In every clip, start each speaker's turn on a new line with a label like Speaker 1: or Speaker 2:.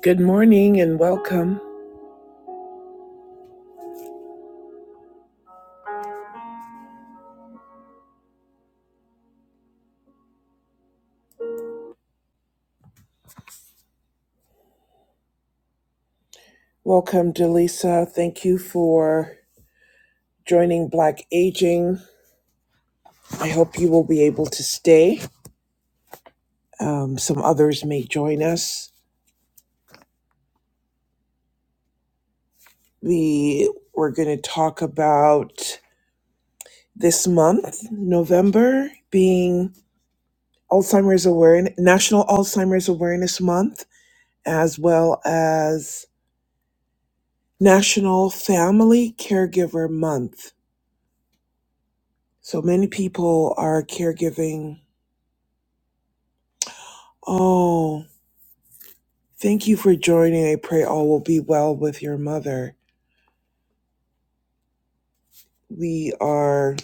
Speaker 1: Good morning and welcome. Welcome, Delisa. Thank you for joining Black Aging. I hope you will be able to stay. Um, some others may join us. We we're going to talk about this month, November, being Alzheimer's Awareness National Alzheimer's Awareness Month, as well as National Family Caregiver Month. So many people are caregiving. Oh, Thank you for joining. I pray all will be well with your mother. We are,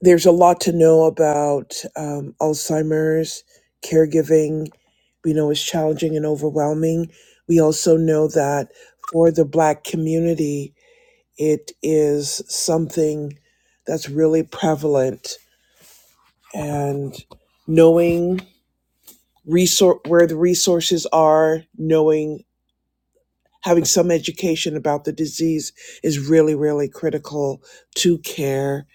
Speaker 1: there's a lot to know about um, Alzheimer's, caregiving. We know it's challenging and overwhelming. We also know that for the Black community, it is something that's really prevalent. And knowing resor- where the resources are, knowing having some education about the disease is really, really critical to care.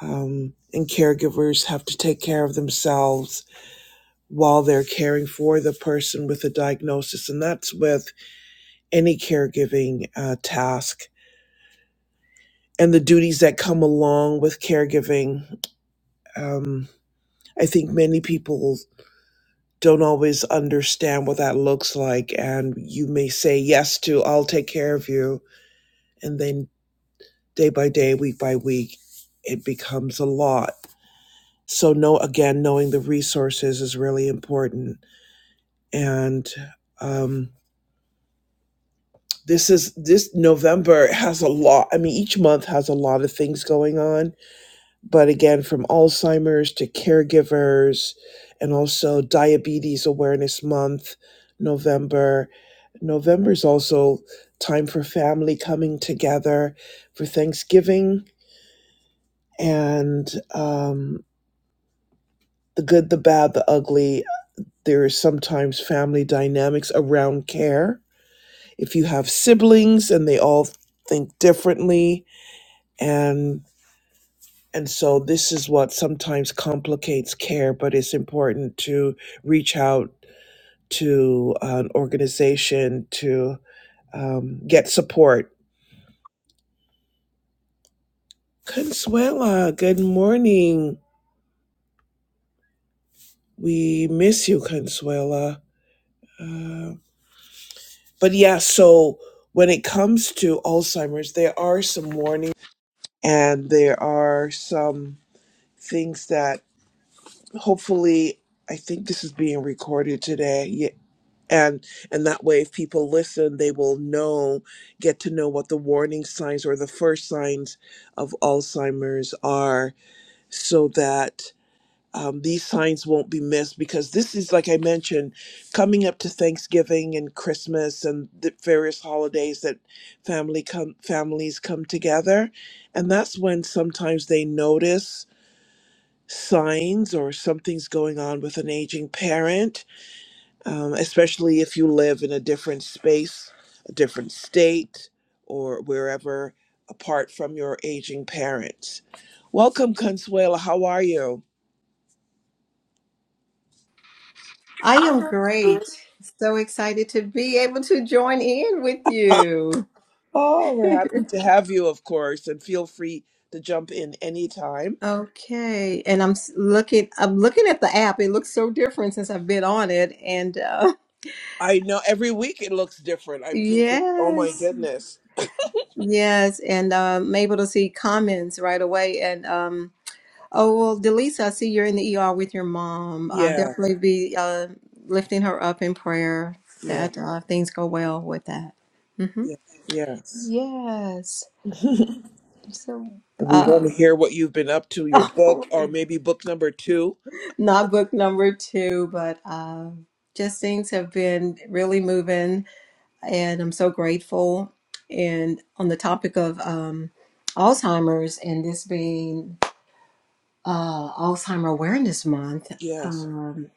Speaker 1: Um, and caregivers have to take care of themselves while they're caring for the person with the diagnosis. And that's with any caregiving uh, task and the duties that come along with caregiving. Um, I think many people don't always understand what that looks like. And you may say yes to, I'll take care of you. and then. day by day, week by week, it becomes a lot. So, no, again, knowing the resources is really important. And um, this is this November has a lot. I mean, each month has a lot of things going on. But again, from Alzheimer's to caregivers, and also Diabetes Awareness Month, November. November is also time for family coming together for Thanksgiving and um, the good, the bad, the ugly. There is sometimes family dynamics around care. If you have siblings and they all think differently and and so this is what sometimes complicates care, but it's important to reach out to an organization to um, get support. Consuela, good morning. We miss you, Consuela. Uh, But yeah, so when it comes to Alzheimer's, there are some warnings and there are some things that hopefully I think this is being recorded today. Yeah, And and that way if people listen, they will know, get to know what the warning signs or the first signs of Alzheimer's are so that um, these signs won't be missed because this is, like I mentioned, coming up to Thanksgiving and Christmas and the various holidays that family come families come together, and that's when sometimes they notice signs or something's going on with an aging parent, um, especially if you live in a different space, a different state, or wherever apart from your aging parents. Welcome, Consuela. How are you?
Speaker 2: I am great. So excited to be able to join in with you.
Speaker 1: Oh, we're happy to have you, of course, and feel free to jump in anytime.
Speaker 2: Okay, and I'm s- looking. I'm looking at the app. It looks so different since I've been on it, and uh,
Speaker 1: I know every week it looks different. I'm thinking, oh my
Speaker 2: yes,
Speaker 1: goodness.
Speaker 2: yes, and um, I'm able to see comments right away. And um, oh well, Delisa, I see you're in the ER with your mom. I'll
Speaker 1: Yes,
Speaker 2: definitely be uh, lifting her up in prayer
Speaker 1: yeah,
Speaker 2: that uh, things go well with that. hmm
Speaker 1: yeah, yes.
Speaker 2: Yes. So,
Speaker 1: And we want
Speaker 2: uh,
Speaker 1: to hear what you've been up to, your book,
Speaker 2: Oh,
Speaker 1: or maybe book number two.
Speaker 2: Not book number two, but um, just things have been really moving, and I'm so grateful. And on the topic of um, Alzheimer's and this being uh, Alzheimer Awareness Month,
Speaker 1: Yes.
Speaker 2: um,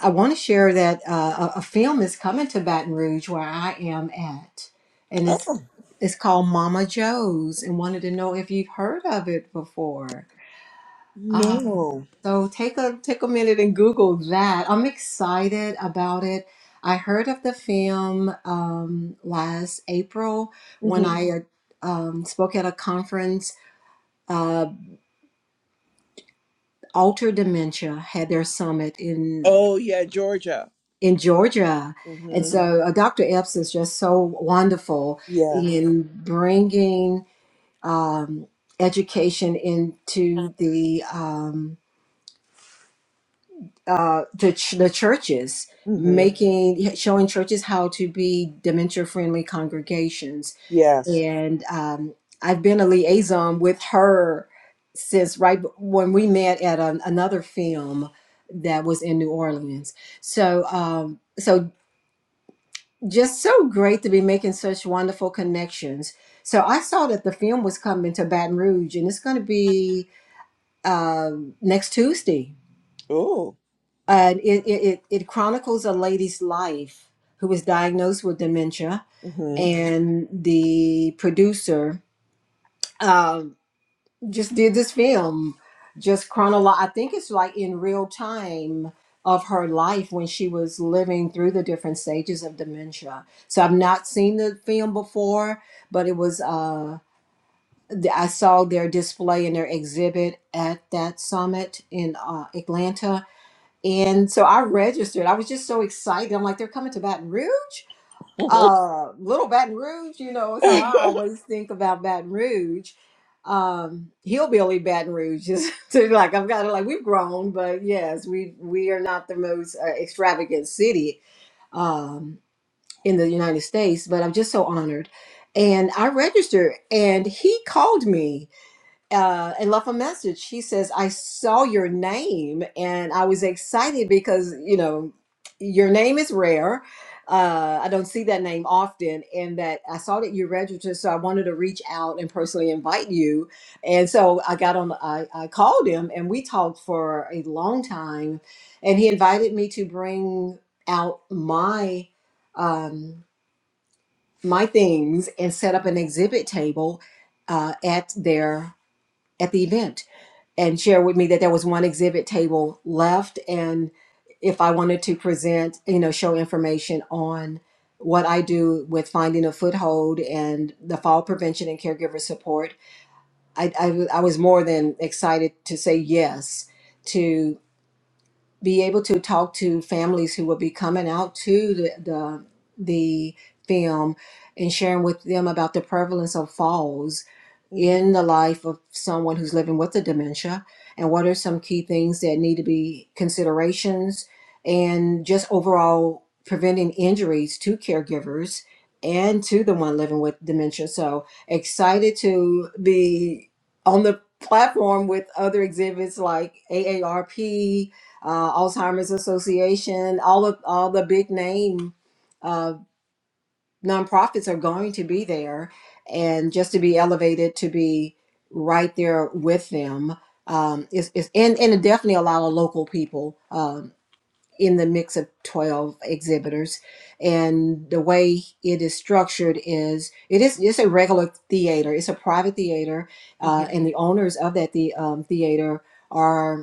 Speaker 2: I want to share that uh, a, a film is coming to Baton Rouge where I am at, and it's
Speaker 1: Oh,
Speaker 2: it's called Mama Joe's, and wanted to know if you've heard of it before. Um,
Speaker 1: no.
Speaker 2: So take a take a minute and Google that. I'm excited about it. I heard of the film um, last April when
Speaker 1: hmm
Speaker 2: I um, spoke at a conference. Uh, Alter Dementia had their summit in
Speaker 1: Oh, yeah, Georgia.
Speaker 2: in Georgia, and
Speaker 1: hmm
Speaker 2: so uh, Dr. Epps is just so wonderful
Speaker 1: Yes.
Speaker 2: in bringing um, education into the um, uh, the ch- the churches
Speaker 1: hmm
Speaker 2: making showing churches how to be dementia friendly congregations
Speaker 1: Yes.
Speaker 2: and um, i've been a liaison with her since right b- when we met at an, another film that was in new orleans so um, so just so great to be making such wonderful connections so i saw that the film was coming to baton rouge and it's going to be uh, next tuesday
Speaker 1: Oh.
Speaker 2: uh, it, it, it it chronicles a lady's life who was diagnosed with dementia,
Speaker 1: hmm
Speaker 2: and the producer um, just did this film, just chronolo. I think it's like in real time of her life when she was living through the different stages of dementia. So I've not seen the film before, but it was. Uh, th- I saw their display and their exhibit at that summit in uh, Atlanta and so I registered. I was just so excited. I'm like, they're coming to Baton Rouge? Uh, little Baton Rouge, you know, is how
Speaker 1: hmm
Speaker 2: I always think about Baton Rouge. Um, hillbilly Baton Rouge is to like I've got to like we've grown, but yes, we we are not the most uh, extravagant city um in the United States, but I'm just so honored. And I registered, and he called me uh, and left a message. She says, I saw your name and I was excited because, you know, your name is rare. Uh, I don't see that name often, and that I saw that you registered, so I wanted to reach out and personally invite you. And so I got on, I, I called him, and we talked for a long time. And he invited me to bring out my um, my things and set up an exhibit table uh, at their at the event and share with me that there was one exhibit table left and if i wanted to present you know show information on what i do with finding a foothold and the fall prevention and caregiver support I I I was more than excited to say yes to be able to talk to families who will be coming out to the the, the film and sharing with them about the prevalence of falls
Speaker 1: hmm
Speaker 2: in the life of someone who's living with the dementia and what are some key things that need to be considerations and just overall preventing injuries to caregivers and to the one living with dementia so excited to be on the platform with other exhibits like aarp uh, alzheimer's association all of all the big name uh, nonprofits are going to be there and just to be elevated to be right there with them um, is, is and, and definitely a lot of local people um, in the mix of 12 exhibitors and the way it is structured is it is it's a regular theater it's a private theater uh, and the owners of that the um, theater are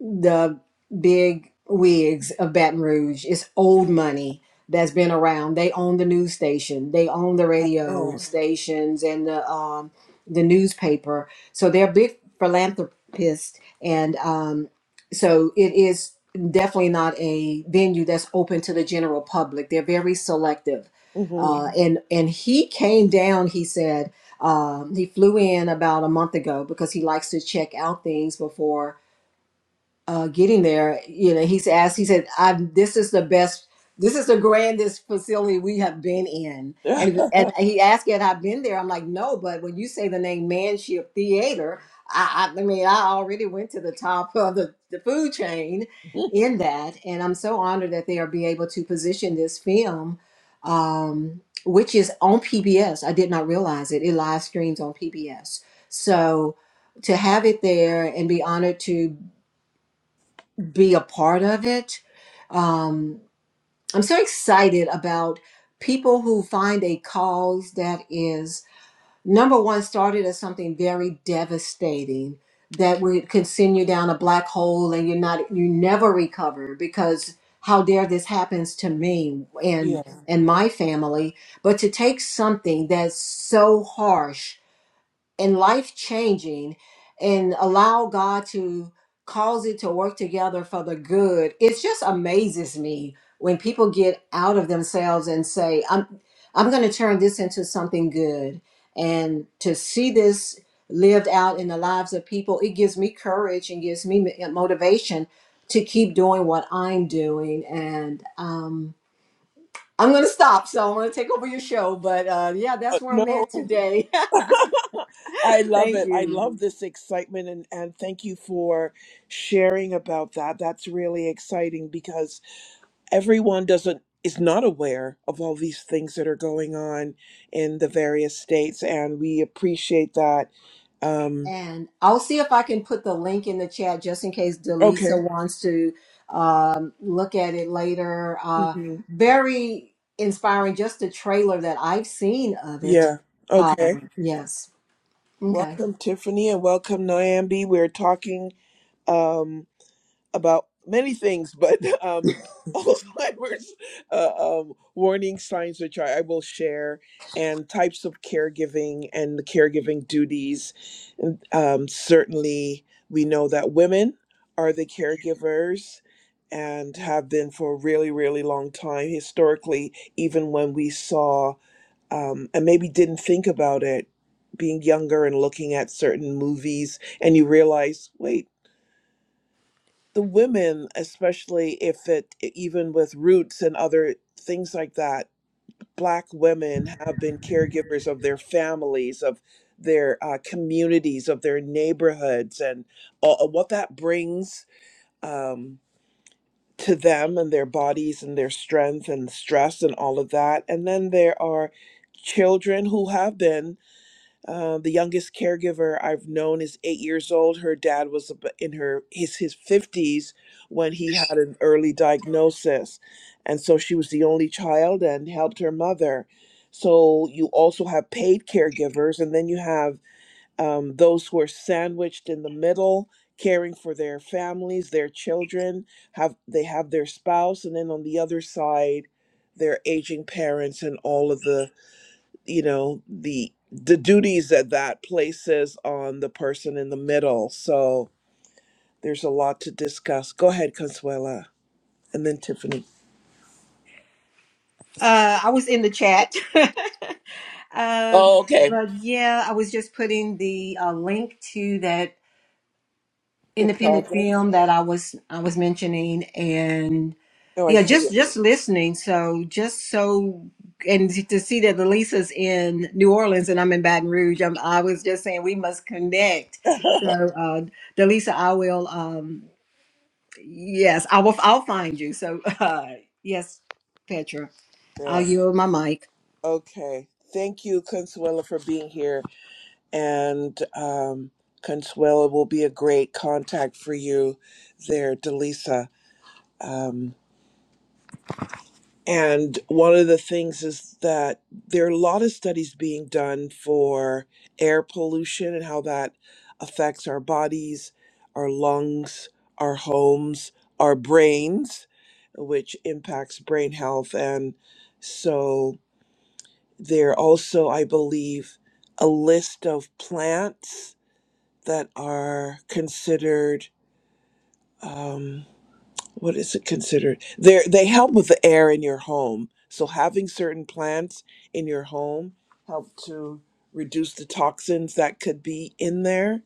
Speaker 2: the big wigs of Baton Rouge. It's old money that's been around. They own the news station. They own the radio
Speaker 1: Oh.
Speaker 2: stations and the um, the newspaper. So they're big philanthropists, and um, so it is definitely not a venue that's open to the general public. They're very selective.
Speaker 1: mhm.
Speaker 2: Uh, and and he came down. He said um, he flew in about a month ago because he likes to check out things before uh, getting there, you know, he's asked, he said, I'm, this is the best, this is the grandest facility we have been in. And, and he asked, had I been there? I'm like, no, but when you say the name Manship Theater, I, I, I mean, I already went to the top of the, the food chain in that. And I'm so honored that they are be able to position this film, um, which is on PBS. I did not realize it. It live streams on PBS. So to have it there and be honored to be a part of it. Um, I'm so excited about people who find a cause that is number one started as something very devastating that would can send you down a black hole and you're not you never recover because how dare this happens to me
Speaker 1: yeah.
Speaker 2: and and my family but to take something that's so harsh and life changing and allow God to cause it to work together for the good. It just amazes me when people get out of themselves and say, I'm I'm gonna turn this into something good. And to see this lived out in the lives of people, it gives me courage and gives me m- motivation to keep doing what I'm doing. And um, I'm going to stop. So I'm going to take over your show. But uh, yeah,
Speaker 1: Uh,
Speaker 2: that's where I'm
Speaker 1: no.
Speaker 2: at today.
Speaker 1: I love
Speaker 2: Thank
Speaker 1: it. I
Speaker 2: you.
Speaker 1: love this excitement and, and thank you for sharing about that. That's really exciting because everyone doesn't is not aware of all these things that are going on in the various states and we appreciate that. Um
Speaker 2: And I'll see if I can put the link in the chat just in case
Speaker 1: okay.
Speaker 2: Delisa wants to um, look at it later. Uh,
Speaker 1: hmm
Speaker 2: very inspiring, just the trailer that I've seen of it.
Speaker 1: Yeah. Okay.
Speaker 2: Um, yes. Okay.
Speaker 1: Welcome Tiffany and welcome Nyambi. We're talking Um, about many things, but um, Alzheimer's uh, um, warning signs, which I, I will share, and types of caregiving and the caregiving duties. And, Um, certainly, we know that women are the caregivers and have been for a really, really long time historically, even when we saw um, and maybe didn't think about it being younger and looking at certain movies and you realize wait the women, especially if it e, even with roots and other things like that, black women have been caregivers of their families, of their uh, communities, of their neighborhoods, and uh, what that brings um, to them and their bodies and their strength and stress and all of that. And then there are children who have been. Uh, the youngest caregiver I've known is eight years old. Her dad was ab- in her his his fifties when he had an early diagnosis, and so she was the only child and helped her mother. So you also have paid caregivers, and then you have um, those who are sandwiched in the middle, caring for their families, their children. Have they have their spouse, and then on the other side, their aging parents and all of the you know the the duties that that places on the person in the middle so there's a lot to discuss go ahead consuela and then tiffany
Speaker 2: Uh, I was in the chat. um,
Speaker 1: Oh, okay.
Speaker 2: but yeah, I was just putting the uh, link to that
Speaker 1: the
Speaker 2: independent
Speaker 1: project
Speaker 2: film that I was I was mentioning
Speaker 1: oh i
Speaker 2: Yeah,
Speaker 1: see
Speaker 2: just just listening. So just so and to see that Elisa's in New Orleans and I'm in Baton Rouge. I'm, I was just saying we must connect.
Speaker 1: it
Speaker 2: So uh Delisa, I will um yes, I will I'll find you. So uh yes, Petra, I'll
Speaker 1: yeah
Speaker 2: yield my mic.
Speaker 1: okay thank you consuela for being here and um consuela will be a great contact for you there delisa Um, And one of the things is that there are a lot of studies being done for air pollution and how that affects our bodies, our lungs, our homes, our brains, which impacts brain health. And so there are also, I believe, a list of plants that are considered. um, what is it considered? They they help with the air in your home. So having certain plants in your home help to reduce the toxins that could be in there.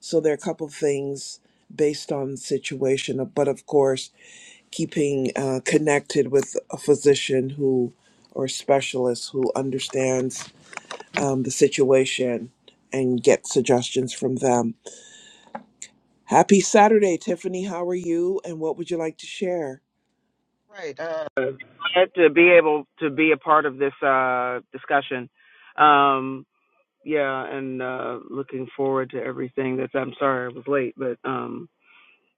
Speaker 1: So there are a couple of things based on the situation, uh, but of course, keeping uh, connected with a physician who or specialist who understands um, the situation and get suggestions from them. Happy Saturday, Tiffany. How are you? And what would you like to share?
Speaker 3: Right. Uh, glad to be able to be a part of this uh, discussion. Um, yeah, and uh, looking forward to everything. That's. I'm sorry I was late, but um,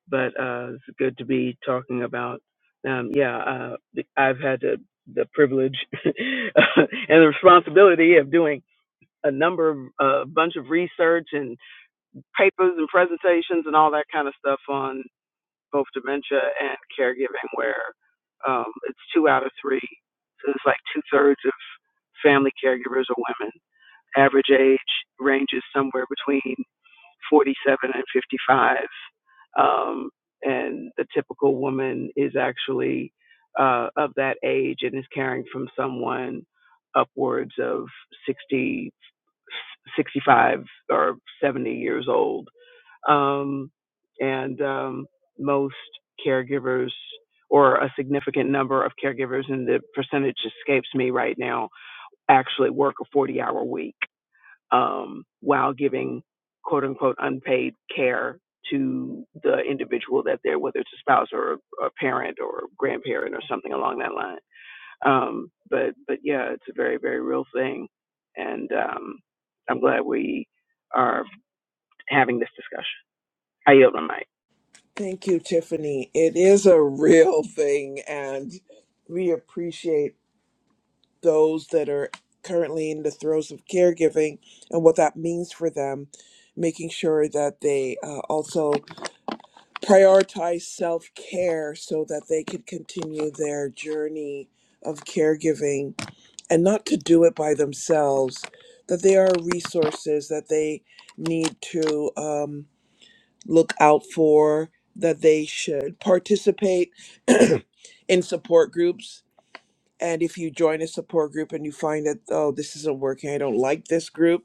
Speaker 3: but uh, it's good to be talking about. Um, yeah, uh, the- I've had the, the privilege and the responsibility of doing a number of a bunch of research and papers and presentations and all that kind of stuff on both dementia and caregiving, where um, it's two out of three. So it's like two thirds of family caregivers are women. Average age ranges somewhere between 47 and 55. Um, and the typical woman is actually uh, of that age and is caring from someone upwards of 60, 65 or 70 years old um, and um, most caregivers or a significant number of caregivers and the percentage escapes me right now actually work a 40 hour week um, while giving quote unquote unpaid care to the individual that they're whether it's a spouse or a, a parent or grandparent or something along that line um, but but yeah it's a very very real thing and um, i'm glad we are having this discussion i yield my mic
Speaker 1: Thank you, Tiffany. It is a real thing, and we appreciate those that are currently in the throes of caregiving and what that means for them, making sure that they uh, also prioritize self care so that they can continue their journey of caregiving and not to do it by themselves, that there are resources that they need to. Um, look out for that they should participate in support groups. And if you join a support group and you find that, oh, this isn't working, I don't like this group,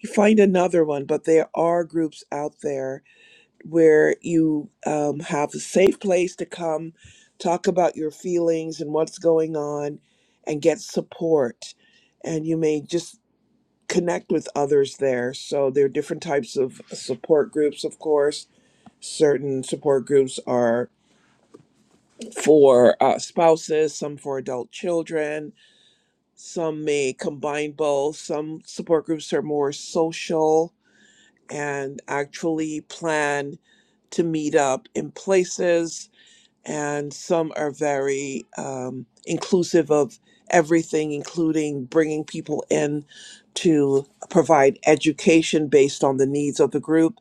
Speaker 1: you find another one. But there are groups out there where you um, have a safe place to come, talk about your feelings and what's going on, and get support. And you may just connect with others there. So there are different types of support groups, of course certain support groups are for uh, spouses, some for adult children, some may combine both. Some support groups are more social and actually plan to meet up in places, and some are very um, inclusive of everything, including bringing people in to provide education based on the needs of the group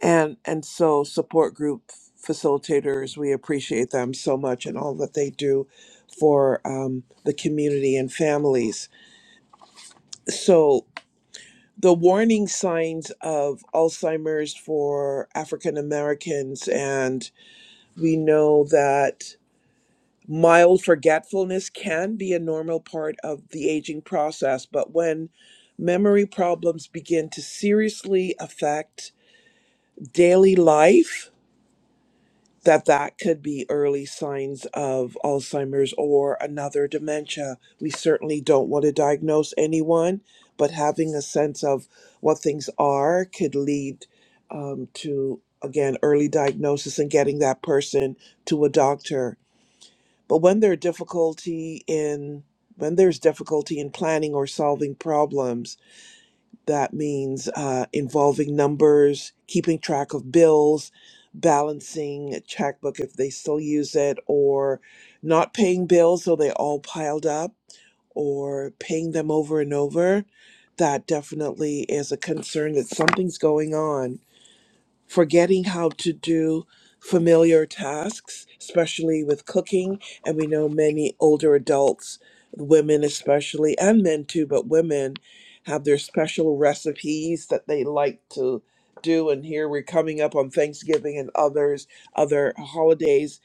Speaker 1: and and so support group facilitators we appreciate them so much and all that they do for um, the community and families so the warning signs of alzheimer's for african americans and we know that mild forgetfulness can be a normal part of the aging process but when memory problems begin to seriously affect daily life that that could be early signs of Alzheimer's or another dementia. We certainly don't want to diagnose anyone, but having a sense of what things are could lead um, to, again, early diagnosis and getting that person to a doctor. But when there are difficulty in when there's difficulty in planning or solving problems, that means uh, involving numbers, keeping track of bills, balancing a checkbook if they still use it, or not paying bills so they all piled up, or paying them over and over. That definitely is a concern that something's going on forgetting how to do familiar tasks, especially with cooking. And we know many older adults, women especially, and men too, but women have their special recipes that they like to do. And here we're coming up on Thanksgiving and others, other holidays.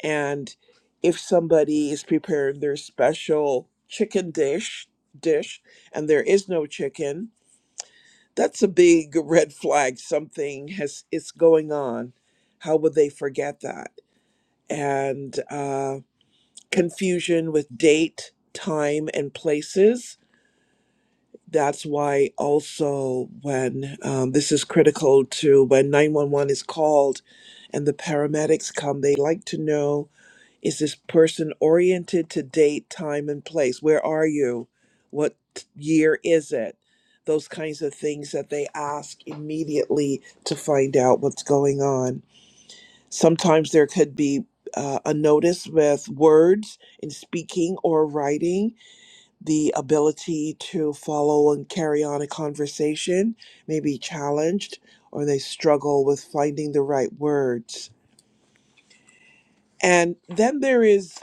Speaker 1: And if somebody is preparing their special chicken dish, dish, and there is no chicken, that's a big red flag. Something has is going on. How would they forget that? And uh, confusion with date, time, and places. That's why also when um, this is critical to when 911 is called and the paramedics come, they like to know is this person oriented to date, time, and place? Where are you? What t- year is it? Those kinds of things that they ask immediately to find out what's going on. Sometimes there could be uh, a notice with words in speaking or writing, the ability to follow and carry on a conversation may be challenged, or they struggle with finding the right words and then there is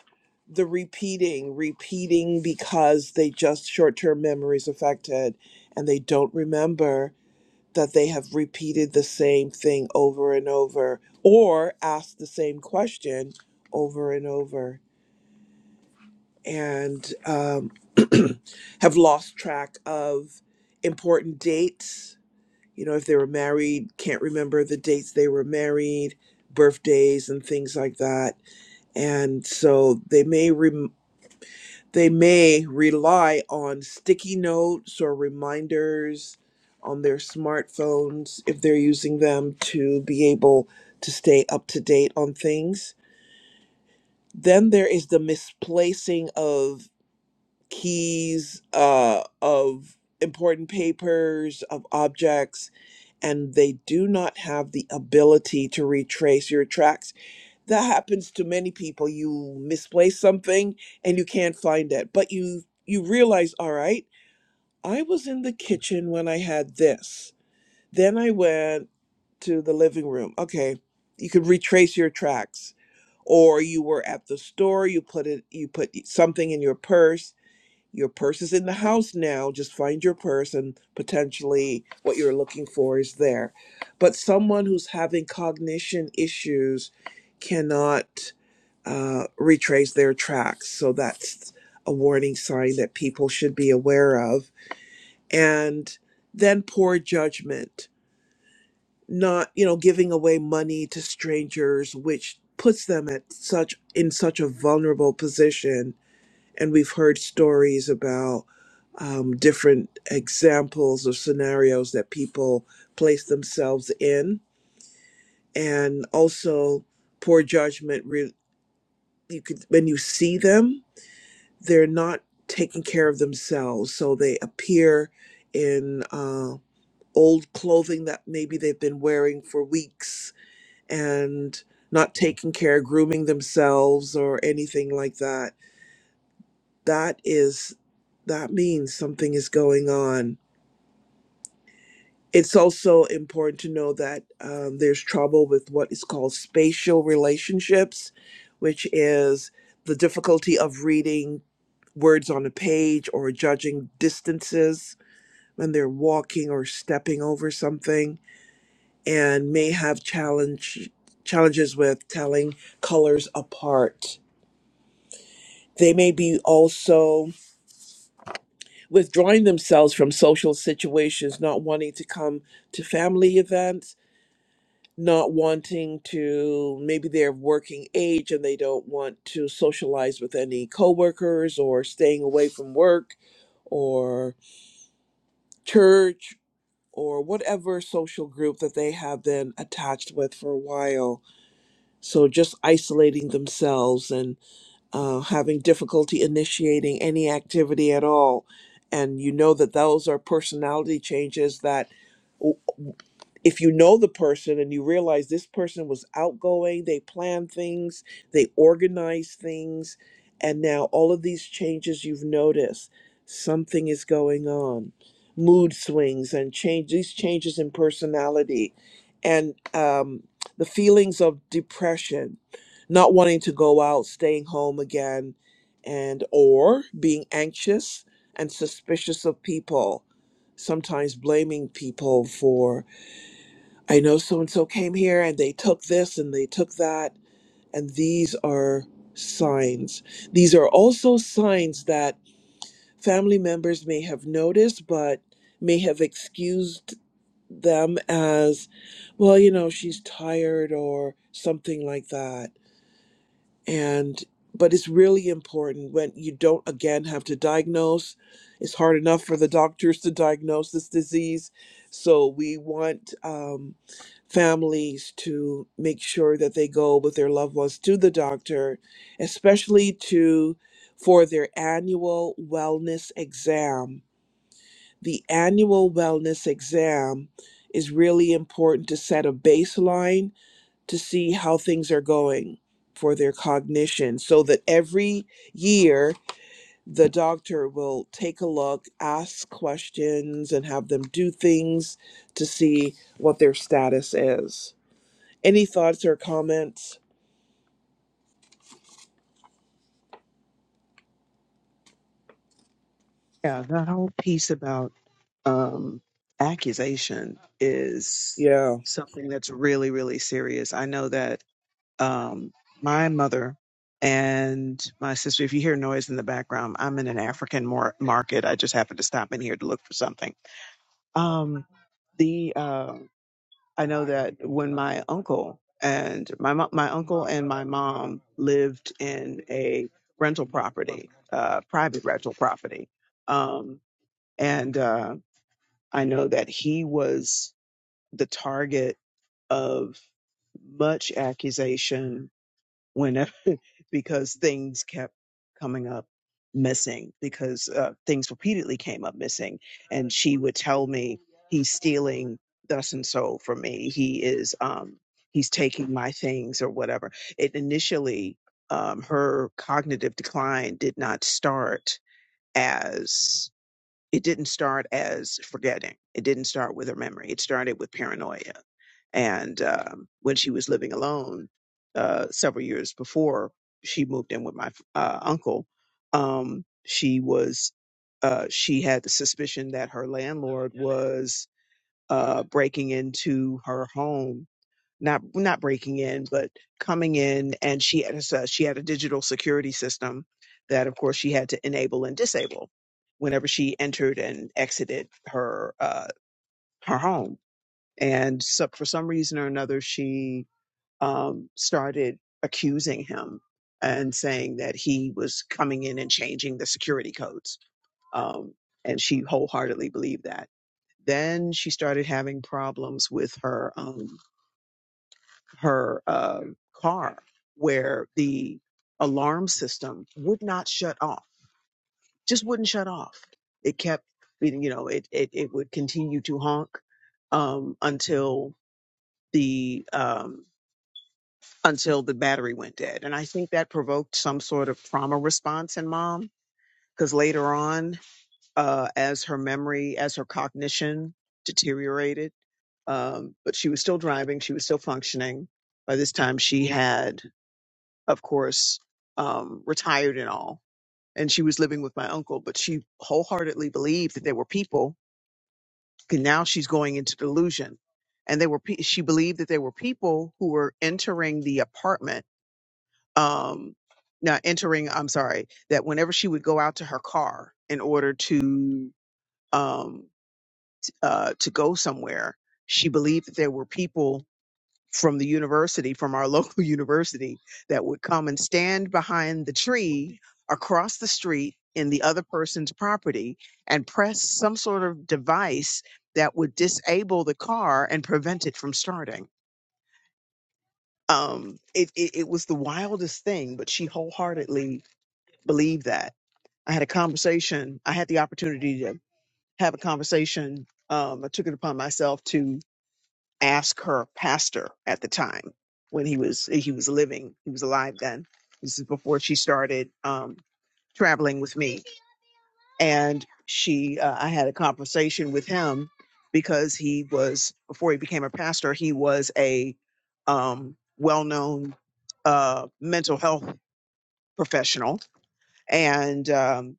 Speaker 1: the repeating, repeating because they just short term memory is affected and they don't remember that they have repeated the same thing over and over or asked the same question over and over and um, have lost track of important dates. You know, if they were married, can't remember the dates they were married, birthdays, and things like that and so they may rem- they may rely on sticky notes or reminders on their smartphones if they're using them to be able to stay up to date on things then there is the misplacing of keys uh, of important papers of objects and they do not have the ability to retrace your tracks that happens to many people you misplace something and you can't find it but you you realize all right i was in the kitchen when i had this then i went to the living room okay you could retrace your tracks or you were at the store you put it you put something in your purse your purse is in the house now. Just find your purse, and potentially what you're looking for is there. But someone who's having cognition issues cannot uh, retrace their tracks. So that's a warning sign that people should be aware of. And then poor judgment, not, you know, giving away money to strangers, which puts them at such in such a vulnerable position and we've heard stories about um, different examples of scenarios that people place themselves in, and also poor judgment. Re- you could when you see them, they're not taking care of themselves, so they appear in uh, old clothing that maybe they've been wearing for weeks and not taking care, grooming themselves or anything like that that is that means something is going on it's also important to know that um, there's trouble with what is called spatial relationships which is the difficulty of reading words on a page or judging distances when they're walking or stepping over something and may have challenge challenges with telling colors apart they may be also withdrawing themselves from social situations, not wanting to come to family events, not wanting to maybe they're working age and they don't want to socialize with any coworkers or staying away from work or church or whatever social group that they have been attached with for a while. So just isolating themselves and uh, having difficulty initiating any activity at all. And you know that those are personality changes that if you know the person and you realize this person was outgoing, they plan things, they organize things, and now all of these changes you've noticed, something is going on. Mood swings and change these changes in personality and um, the feelings of depression, not wanting to go out, staying home again, and or being anxious and suspicious of people, sometimes blaming people for I know so and so came here and they took this and they took that. And these are signs. These are also signs that family members may have noticed, but may have excused them as, well, you know, she's tired or something like that and but it's really important when you don't again have to diagnose it's hard enough for the doctors to diagnose this disease so we want um, families to make sure that they go with their loved ones to the doctor especially to for their annual wellness exam the annual wellness exam is really important to set a baseline to see how things are going for their cognition so that every year the doctor will take a look, ask questions, and have them do things to see what their status is. Any thoughts or comments?
Speaker 3: Yeah, that whole piece about um, accusation is
Speaker 1: Yeah.
Speaker 3: something that's really, really serious. I know that um, my mother and my sister, if you hear noise in the background, I'm in an African mar- market. I just happened to stop in here to look for something. Um, the uh, I know that when my uncle and my mo- my uncle and my mom lived in a rental property, uh, private rental property. um, and uh, I know that he was the target of much accusation whenever because things kept coming up missing because uh, things repeatedly came up missing and she would tell me he's stealing thus and so from me he is um he's taking my things or whatever it initially um her cognitive decline did not start as it didn't start as forgetting. It didn't start with her memory. It started with paranoia. And um, when she was living alone uh, several years before she moved in with my uh, uncle, um, she was uh, she had the suspicion that her landlord was uh, breaking into her home not not breaking in, but coming in, and she had a, s- she had a digital security system that, of course, she had to enable and disable whenever she entered and exited her uh, her home. And so, for some reason or another, she um, started accusing him and saying that he was coming in and changing the security codes. Um, and she wholeheartedly believed that. Then she started having problems with her. um, her uh, car where the alarm system would not shut off, just wouldn't shut off. It kept, you know, it, it, it would continue to honk um, until the um, until the battery went dead. And I think that provoked some sort of trauma response in mom because later on, uh, as her memory, as her cognition deteriorated, um, but she was still driving, she was still functioning. By this time, she had of course, um, retired and all. And she was living with my uncle, but she wholeheartedly believed that there were people. And now she's going into delusion. And they were, pe- she believed that there were people who were entering the apartment. Um, now entering, I'm sorry, that whenever she would go out to her car in order to, um, uh, to go somewhere, she believed that there were people from the university, from our local university, that would come and stand behind the tree across the street in the other person's property and press some sort of device that would disable the car and prevent it from starting. Um, it, it, it was the wildest thing, but she wholeheartedly believed that. I had a conversation, I had the opportunity to have a conversation. Um, I took it upon myself to. ask her pastor at the time when he was he was living he was alive then this is before she started um traveling with me and she uh, i had a conversation with him because he was before he became a pastor he was a um well-known uh mental health professional and um,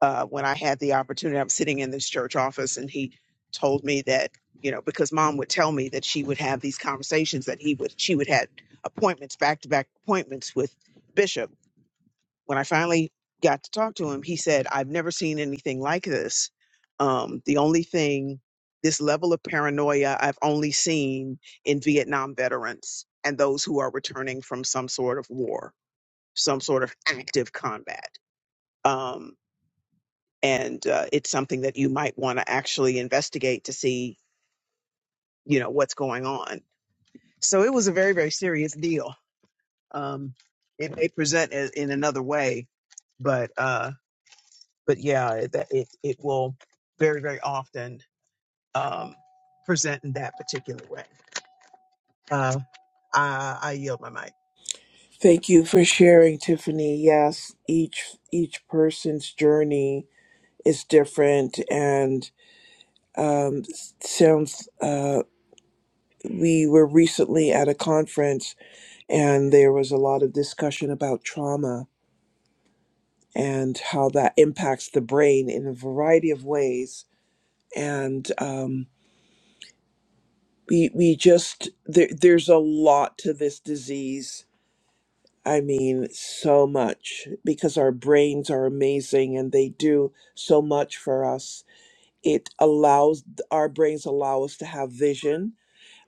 Speaker 3: uh, when I had the opportunity. I'm sitting in this church office, and he told me that you know because mom would tell me that she would have these conversations that he would she would had appointments back to back appointments with bishop. When I finally got to talk to him, he said, "I've never seen anything like this. Um, the only thing." This level of paranoia I've only seen in Vietnam veterans and those who are returning from some sort of war, some sort of active combat. Um, and uh, it's something that you might want to actually investigate to see you know what's going on so it was a very very serious deal um it may present i- in another way but uh but yeah it that- it, it will very very often um present in that particular way uh i i yield my mic
Speaker 1: Thank you for sharing, Tiffany. Yes, each each person's journey is different, and um, sounds. Uh, we were recently at a conference and there was a lot of discussion about trauma and how that impacts the brain in a variety of ways. And um, we we just there, there's a lot to this disease. I mean, so much because our brains are amazing and they do so much for us. It allows our brains allow us to have vision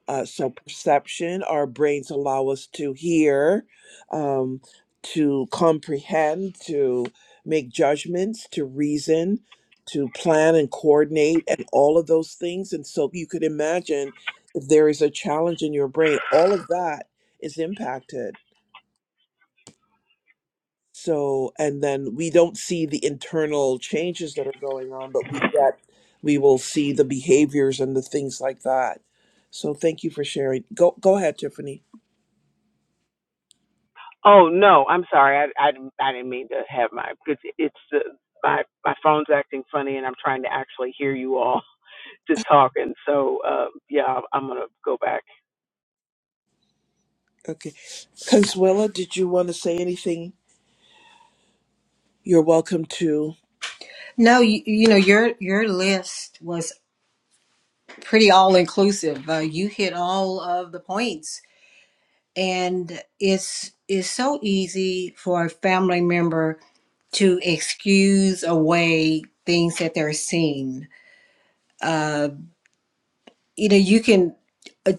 Speaker 1: uh, so perception our brains allow us to hear um, to comprehend to make judgments to reason to plan and coordinate and all of those things and so you could imagine if there is a challenge in your brain all of that is impacted so and then we don't see the internal changes that are going on but we get we will see the behaviors and the things like that so thank you for sharing go go ahead tiffany
Speaker 3: Oh no, I'm sorry. I, I, didn't- I didn't mean to have my because it's the my my phone's acting funny and I'm trying to actually hear you all. to talking. So uh, yeah, I'm I'm gonna go back.
Speaker 1: Okay. Consuela, did you want to say anything? You're welcome to.
Speaker 2: No, you, you know your your list was pretty all inclusive. Uh, you hit all of the points, and it's it's so easy for a family member to excuse away things that they're seeing. Uh, you know, you can uh,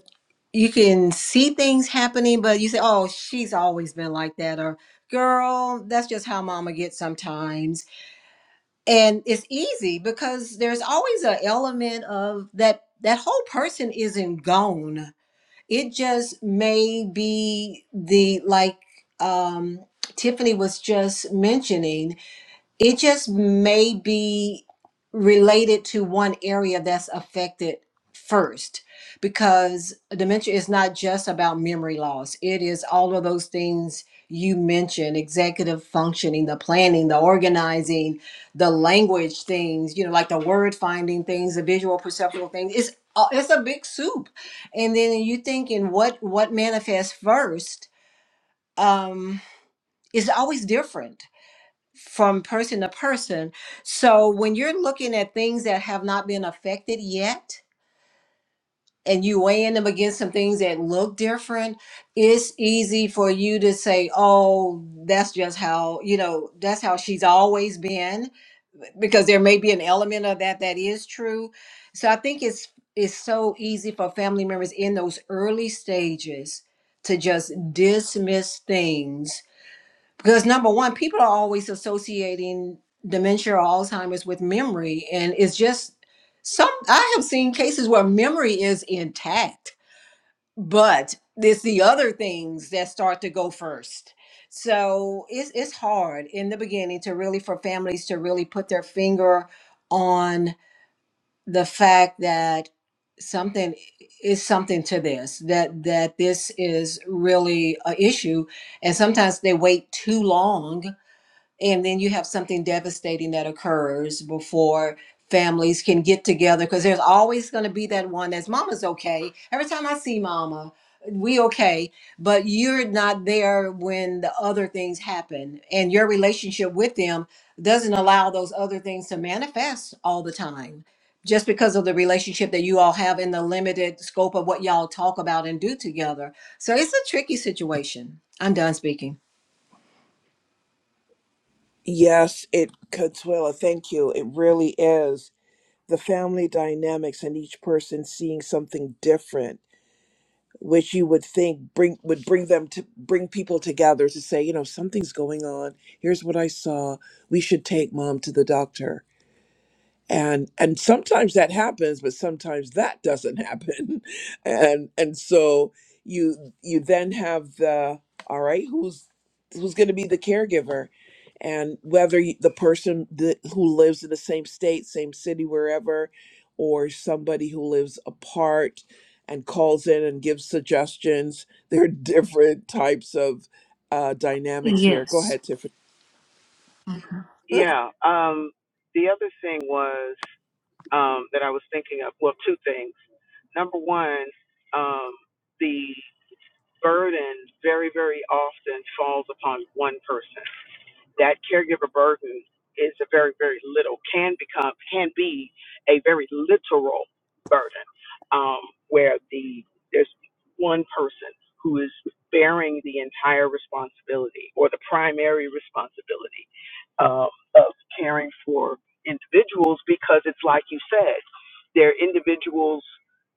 Speaker 2: you can see things happening, but you say, "Oh, she's always been like that," or "Girl, that's just how Mama gets sometimes." And it's easy because there's always an element of that that whole person isn't gone. It just may be the like um, Tiffany was just mentioning It just may be related to one area that's affected first because dementia is not just about memory loss, it is all of those things you mentioned executive functioning, the planning, the organizing, the language things, you know, like the word finding things, the visual perceptual things. It's a- it's a big soup. And then you think, thinking what what manifests first um is always different from person to person. So when you're looking at things that have not been affected yet, and you weighing them against some things that look different, it's easy for you to say, "Oh, that's just how you know that's how she's always been," because there may be an element of that that is true. So I think it's it's so easy for family members in those early stages to just dismiss things because number one people are always associating dementia or alzheimer's with memory and it's just some i have seen cases where memory is intact but it's the other things that start to go first so it's, it's hard in the beginning to really for families to really put their finger on the fact that something is something to this that that this is really a issue and sometimes they wait too long and then you have something devastating that occurs before families can get together because there's always going to be that one that's mama's okay every time i see mama we okay but you're not there when the other things happen and your relationship with them doesn't allow those other things to manifest all the time just because of the relationship that you all have in the limited scope of what y'all talk about and do together so it's a tricky situation i'm done speaking
Speaker 1: Yes, it Consuela, thank you. It really is. The family dynamics and each person seeing something different, which you would think bring would bring them to bring people together to say, you know, something's going on. Here's what I saw. We should take mom to the doctor and and sometimes that happens but sometimes that doesn't happen and and so you you then have the all right who's who's going to be the caregiver and whether y- the person that, who lives in the same state same city wherever or somebody who lives apart and calls in and gives suggestions there are different types of uh, dynamics here go
Speaker 2: Yes.
Speaker 1: ahead tiffany
Speaker 3: Yeah. Um, the other thing was um, that I was thinking of. Well, two things. Number one, um, burden very, very often falls upon one person. That caregiver burden is a very, very little, can become, can be a very literal burden, um, where the, there's one person who is bearing the entire responsibility or the primary responsibility um, of caring for individuals because it's like you said, there are individuals,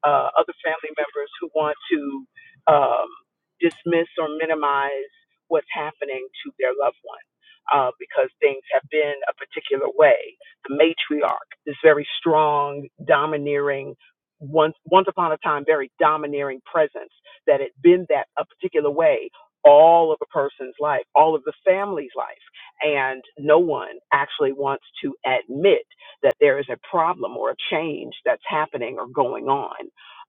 Speaker 3: uh, other family members who want to. Um, dismiss or minimize what's happening to their loved one uh, because things have been a particular way. The matriarch, this very strong, domineering, once once upon a time very domineering presence that had been that a particular way all of a person's life, all of the family's life, and no one actually wants to admit that there is a problem or a change that's happening or going on.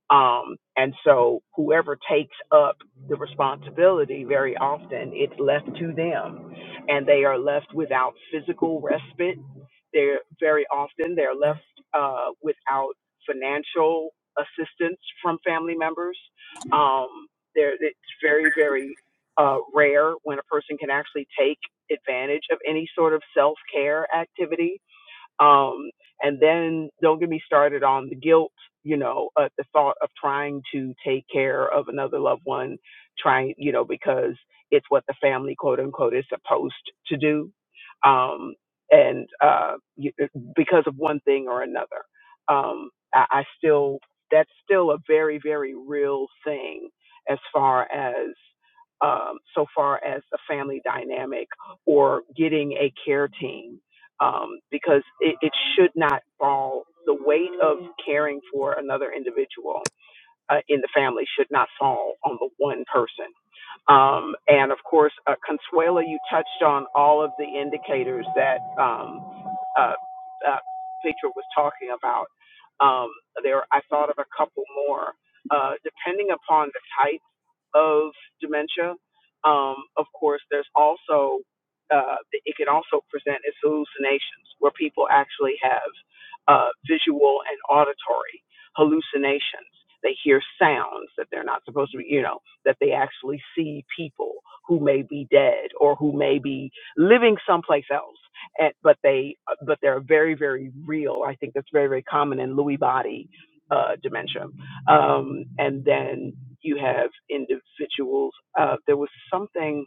Speaker 3: Um, and so whoever takes up the responsibility very often it's left to them and they are left without physical respite they're very often they're left uh, without financial assistance from family members um, there it's very very uh, rare when a person can actually take advantage of any sort of self-care activity um, and then don't get me started on the guilt, you know, at the thought of trying to take care of another loved one, trying, you know, because it's what the family, quote unquote, is supposed to do. Um, and uh, you, uh, because of one thing or another, um, I, I still, that's still a very, very real thing as far as, um, so far as the family dynamic or getting a care team um, because it, it should not fall. The weight of caring for another individual uh, in the family should not fall on the one person. Um, and of course, uh, Consuela, you touched on all of the indicators that um, uh, uh, Petra was talking about. Um, there, I thought of a couple more. Uh, depending upon the type of dementia. Um, of course, there's also uh, it can also present as hallucinations, where people actually have uh, visual and auditory hallucinations. They hear sounds that they're not supposed to be, you know, that they actually see people who may be dead or who may be living someplace else. And, but they, but they're very, very real. I think that's very, very common in Lewy body uh, dementia um, and then you have individuals. Uh, there was something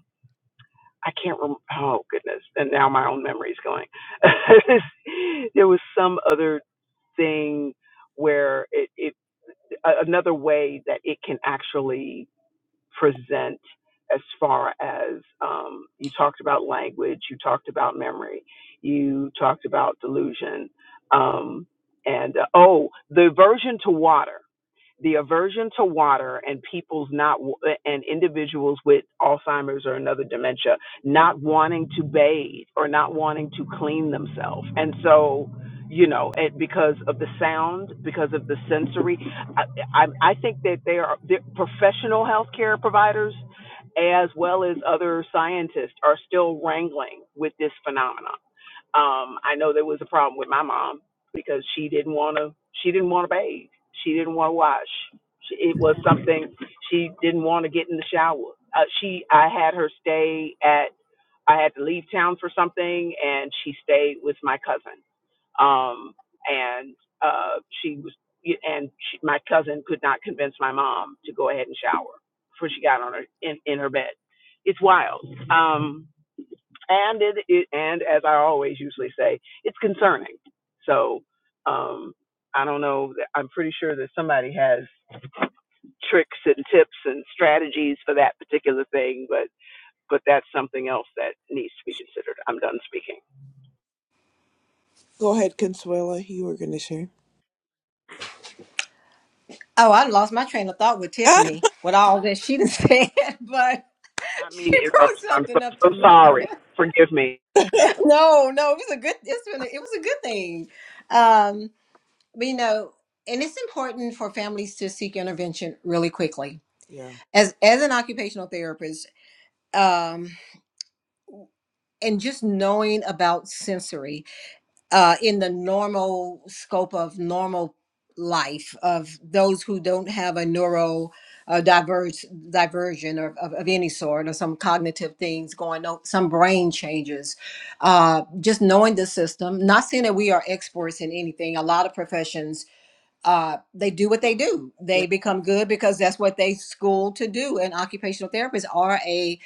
Speaker 3: I can't remember. Oh goodness! And now my own memory is going. there was some other thing where it, it a- another way that it can actually present as far as um, you talked about language, you talked about memory, you talked about delusion, um, and uh, oh, the aversion to water the aversion to water and people's not and individuals with Alzheimer's or another dementia not wanting to bathe or not wanting to clean themselves. And so, you know, it, because of the sound, because of the sensory, I, I, I think that they are the professional healthcare providers as well as other scientists are still wrangling with this phenomenon. Um, I know there was a problem with my mom because she didn't want to. She didn't want to bathe. She didn't want to wash. She, it was something she didn't want to get in the shower. Uh, she, I had her stay at. I had to leave town for something, and she stayed with my cousin. Um, and uh, she was, and she, my cousin could not convince my mom to go ahead and shower before she got on her in, in her bed. It's wild. Um, and it, it and as I always usually say, it's concerning. So um, I don't know. I'm pretty sure that somebody has tricks and tips and strategies for that particular thing, but but that's something else that needs to be considered. I'm done speaking.
Speaker 1: go ahead consuela you were going to share
Speaker 2: Oh, I lost my train of thought with
Speaker 1: Ah,
Speaker 2: Tiffany with all that she done said, but
Speaker 3: I
Speaker 2: she
Speaker 3: mean, it,
Speaker 2: brought
Speaker 3: I'm so,
Speaker 2: something up
Speaker 3: so
Speaker 2: to mind.
Speaker 3: sorry. Forgive me
Speaker 2: no, no, it was a good. It's been. A, it was a good thing. Um, but you know, and it's important for families to seek intervention really quickly.
Speaker 1: yeah
Speaker 2: As as an occupational therapist, um, and just knowing about sensory. uh, in the normal scope of normal life of those who don't have a neuro uh, diverge, diversion or, of, of any sort or some cognitive things going on some brain changes uh, just knowing the system not saying that we are experts in anything a lot of professions uh, they do what they do they become good because that's what they school to do and occupational therapists are a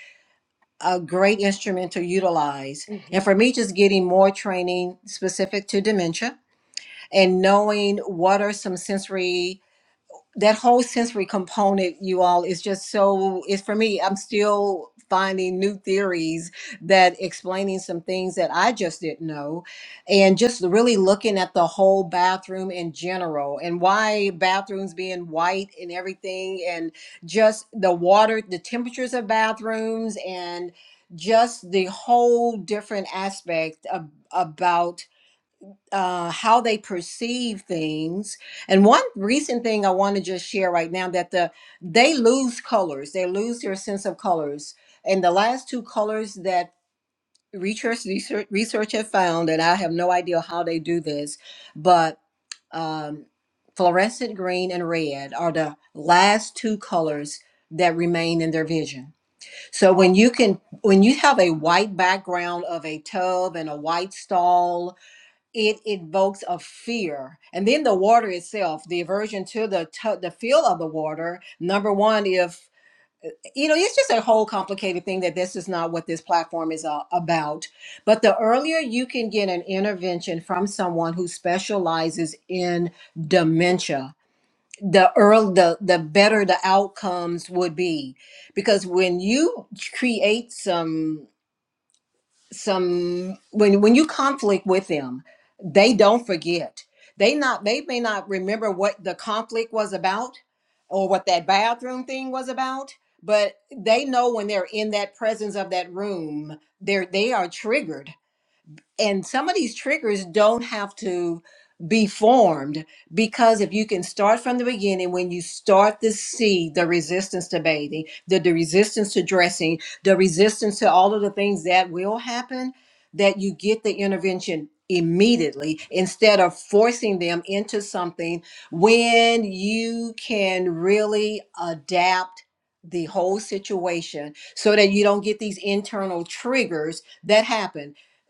Speaker 2: a great instrument to utilize.
Speaker 1: hmm
Speaker 2: And for me, just getting more training specific to dementia and knowing what are some sensory that whole sensory component you all is just so it's for me i'm still finding new theories that explaining some things that i just didn't know and just really looking at the whole bathroom in general and why bathrooms being white and everything and just the water the temperatures of bathrooms and just the whole different aspect of, about uh, how they perceive things. And one recent thing I want to just share right now that the they lose colors, they lose their sense of colors. And the last two colors that research research, research have found, and I have no idea how they do this, but um, fluorescent green and red are the last two colors that remain in their vision. So when you can when you have a white background of a tub and a white stall it evokes a fear and then the water itself the aversion to the to- the feel of the water number one if you know it's just a whole complicated thing that this is not what this platform is uh, about but the earlier you can get an intervention from someone who specializes in dementia the earl the the better the outcomes would be because when you create some some when when you conflict with them they don't forget they not they may not remember what the conflict was about or what that bathroom thing was about but they know when they're in that presence of that room they're they are triggered and some of these triggers don't have to be formed because if you can start from the beginning when you start to see the resistance to bathing the, the resistance to dressing the resistance to all of the things that will happen that you get the intervention immediately instead of forcing them into something when you can really adapt the whole situation so that you don't get these internal triggers that happen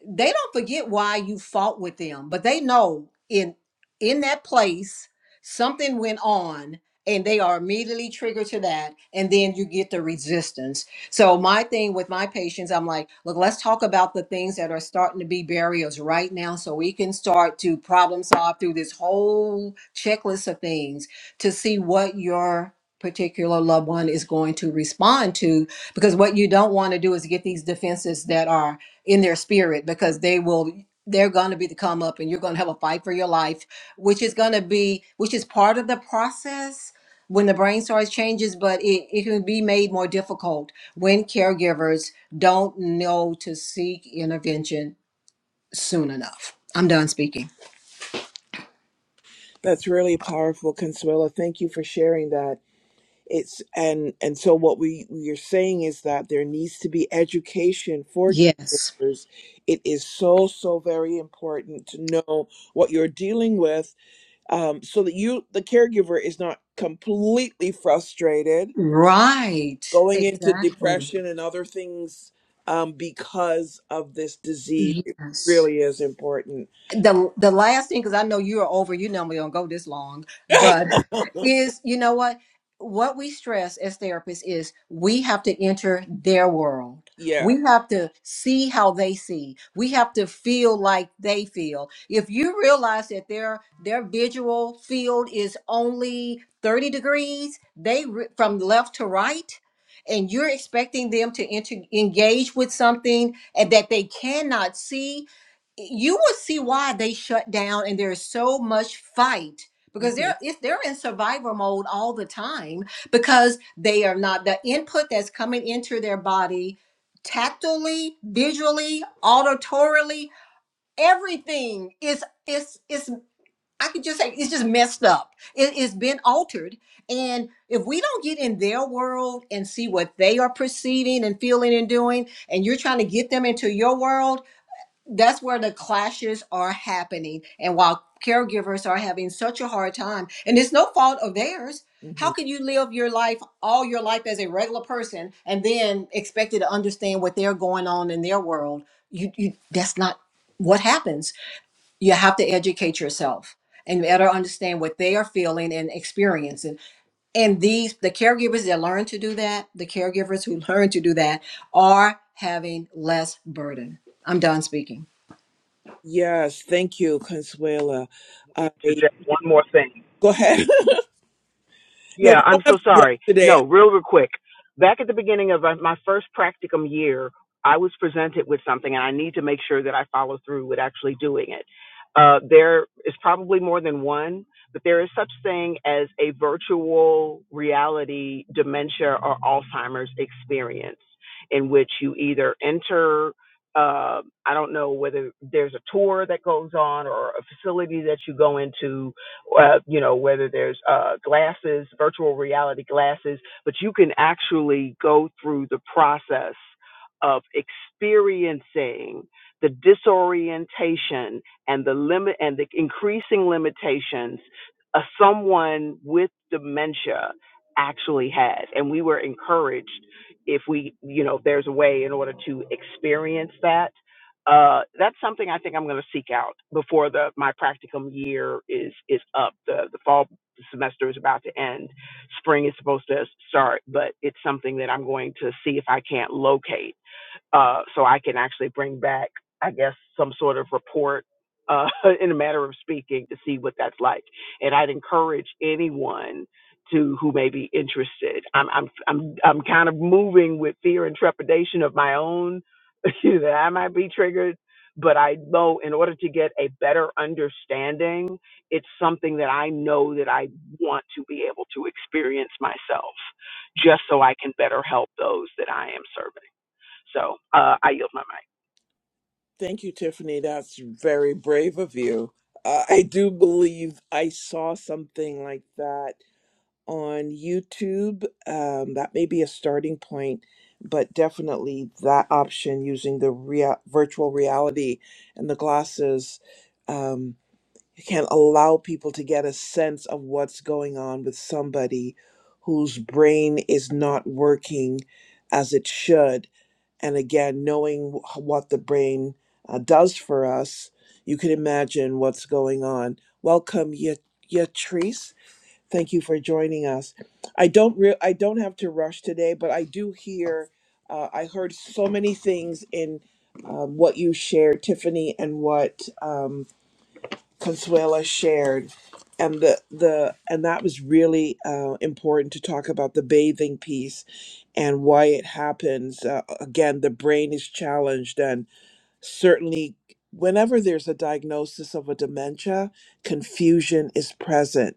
Speaker 2: they don't forget why you fought with them, but they know in in that place something went on and they are immediately triggered to that and then you get the resistance. So my thing with my patients, I'm like, look, let's talk about the things that are starting to be barriers right now so we can start to problem solve through this whole checklist of things to see what your particular loved one is going to respond to because what you don't want to do is get these defenses that are in their spirit because they will they're going to be the come up and you're going to have a fight for your life which is going to be which is part of the process when the brain starts changes but it, it can be made more difficult when caregivers don't know to seek intervention soon enough i'm done speaking
Speaker 1: That's really powerful, Consuela. Thank you for sharing that. It's and and so what we we are saying is that there needs to be education for
Speaker 2: yes
Speaker 1: caregivers. It is so so very important to know what you're dealing with, um, so that you the caregiver is not completely frustrated,
Speaker 2: right
Speaker 1: going into
Speaker 2: exactly
Speaker 1: depression and other things um, because of this disease. It
Speaker 2: yes
Speaker 1: really is important.
Speaker 2: the the last thing because i know you're over you normally don't go this long but is you know what what we stress as therapists is we have to enter their world
Speaker 1: yeah.
Speaker 2: we have to see how they see we have to feel like they feel if you realize that their their visual field is only 30 degrees they re- from left to right and you're expecting them to enter, engage with something and that they cannot see you will see why they shut down and there's so much fight because
Speaker 1: hmm
Speaker 2: they're if they're in survival mode all the time because they are not the input that's coming into their body tactily visually auditorily everything is is is i could just say it's just messed up it, it's been altered and if we don't get in their world and see what they are perceiving and feeling and doing and you're trying to get them into your world that's where the clashes are happening. And while caregivers are having such a hard time, and it's no fault of theirs, how can you live your life, all your life as a regular person, and then expected to understand what they're going on in their world? You, you that's not what happens. You have to educate yourself and better understand what they are feeling and experiencing. And these the caregivers that learn to do that, the caregivers who learn to do that are having less burden. I'm done speaking.
Speaker 1: Yes, thank you, Consuela. I
Speaker 3: interject one more thing.
Speaker 1: go ahead. no,
Speaker 3: Yeah,
Speaker 1: we
Speaker 3: I'm
Speaker 1: don't have
Speaker 3: so
Speaker 1: to rush
Speaker 3: sorry.
Speaker 1: today.
Speaker 3: No, real, real quick. Back at the beginning of uh, my first practicum year, I was presented with something, and I need to make sure that I follow through with actually doing it. Uh, there is probably more than one, but there is such thing as a virtual reality dementia or Alzheimer's experience, in which you either enter. Uh, I don't know whether there's a tour that goes on or a facility that you go into uh, you know, whether there's uh, glasses, virtual reality glasses, but you can actually go through the process of experiencing the disorientation and the limit and the increasing limitations uh, someone with dementia actually has. And we were encouraged if we, you know, if there's a way in order to experience that uh, that's something I think I'm going to seek out before the my practicum year is is up. The the fall semester is about to end. Spring is supposed to start, but it's something that I'm going to see if I can't locate uh, so I can actually bring back, I guess, some sort of report uh, in a matter of speaking to see what that's like. And I'd encourage anyone to who may be interested. I'm I'm I'm I'm kind of moving with fear and trepidation of my own that I might be triggered. But I know in order to get a better understanding, it's something that I know that I want to be able to experience myself, just so I can better help those that I am serving. So uh, I yield my mic.
Speaker 1: Thank you, Tiffany. That's very brave of you. Uh, I do believe I saw something like that on YouTube. Um, that may be a starting point, but definitely that option using the rea- virtual reality and the glasses. Um, You can't allow people to get a sense of what's going on with somebody whose brain is not working as it should. And again, knowing wh- what the brain uh, does for us, you can imagine what's going on. Welcome, Ya- Yatrice. Thank you for joining us. I don't re- I don't have to rush today, but I do hear. Uh, I heard so many things in um, what you shared, Tiffany, and what. Um, Consuela shared, and the the and that was really uh, important to talk about the bathing piece and why it happens. Uh, again, the brain is challenged, and certainly whenever there's a diagnosis of a dementia, confusion is present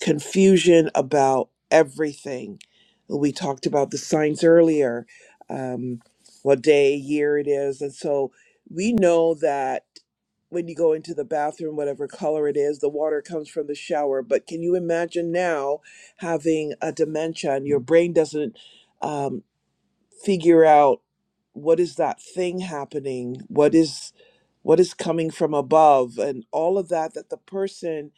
Speaker 1: confusion about everything. We talked about the signs earlier, um, what day, year it is. And so we know that when you go into the bathroom, whatever color it is, the water comes from the shower. But can you imagine now having a dementia and your brain doesn't um, figure out what is that thing happening? What is what is coming from above and all of that that the person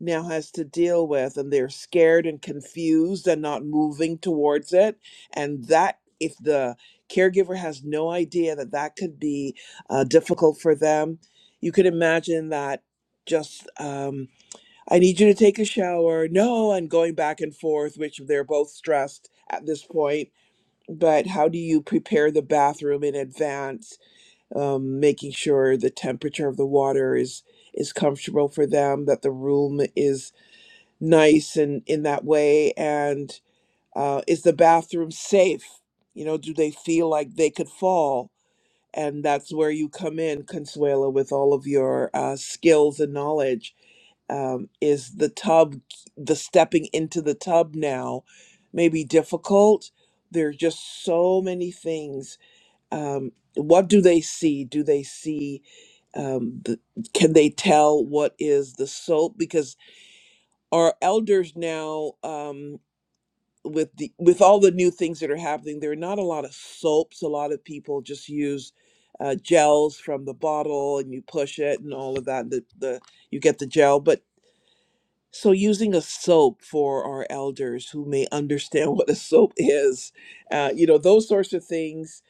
Speaker 1: now has to deal with and they're scared and confused and not moving towards it and that if the caregiver has no idea that that could be uh, difficult for them you could imagine that just um, i need you to take a shower no and going back and forth which they're both stressed at this point but how do you prepare the bathroom in advance um, making sure the temperature of the water is is comfortable for them that the room is nice and in that way and uh, is the bathroom safe you know do they feel like they could fall and that's where you come in consuela with all of your uh, skills and knowledge um, is the tub the stepping into the tub now maybe difficult there are just so many things um, what do they see do they see um, the, can they tell what is the soap because our elders now um with the with all the new things that are happening there are not a lot of soaps a lot of people just use uh, gels from the bottle and you push it and all of that and the, the you get the gel but so using a soap for our elders who may understand what a soap is uh, you know those sorts of things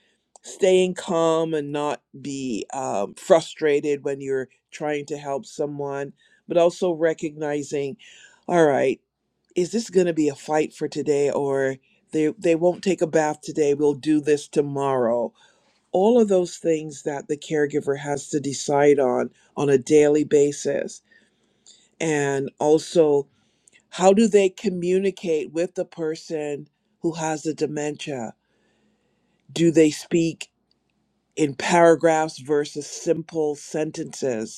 Speaker 1: staying calm and not be um, frustrated when you're trying to help someone but also recognizing all right is this going to be a fight for today or they they won't take a bath today we'll do this tomorrow all of those things that the caregiver has to decide on on a daily basis and also how do they communicate with the person who has the dementia do they speak in paragraphs versus simple sentences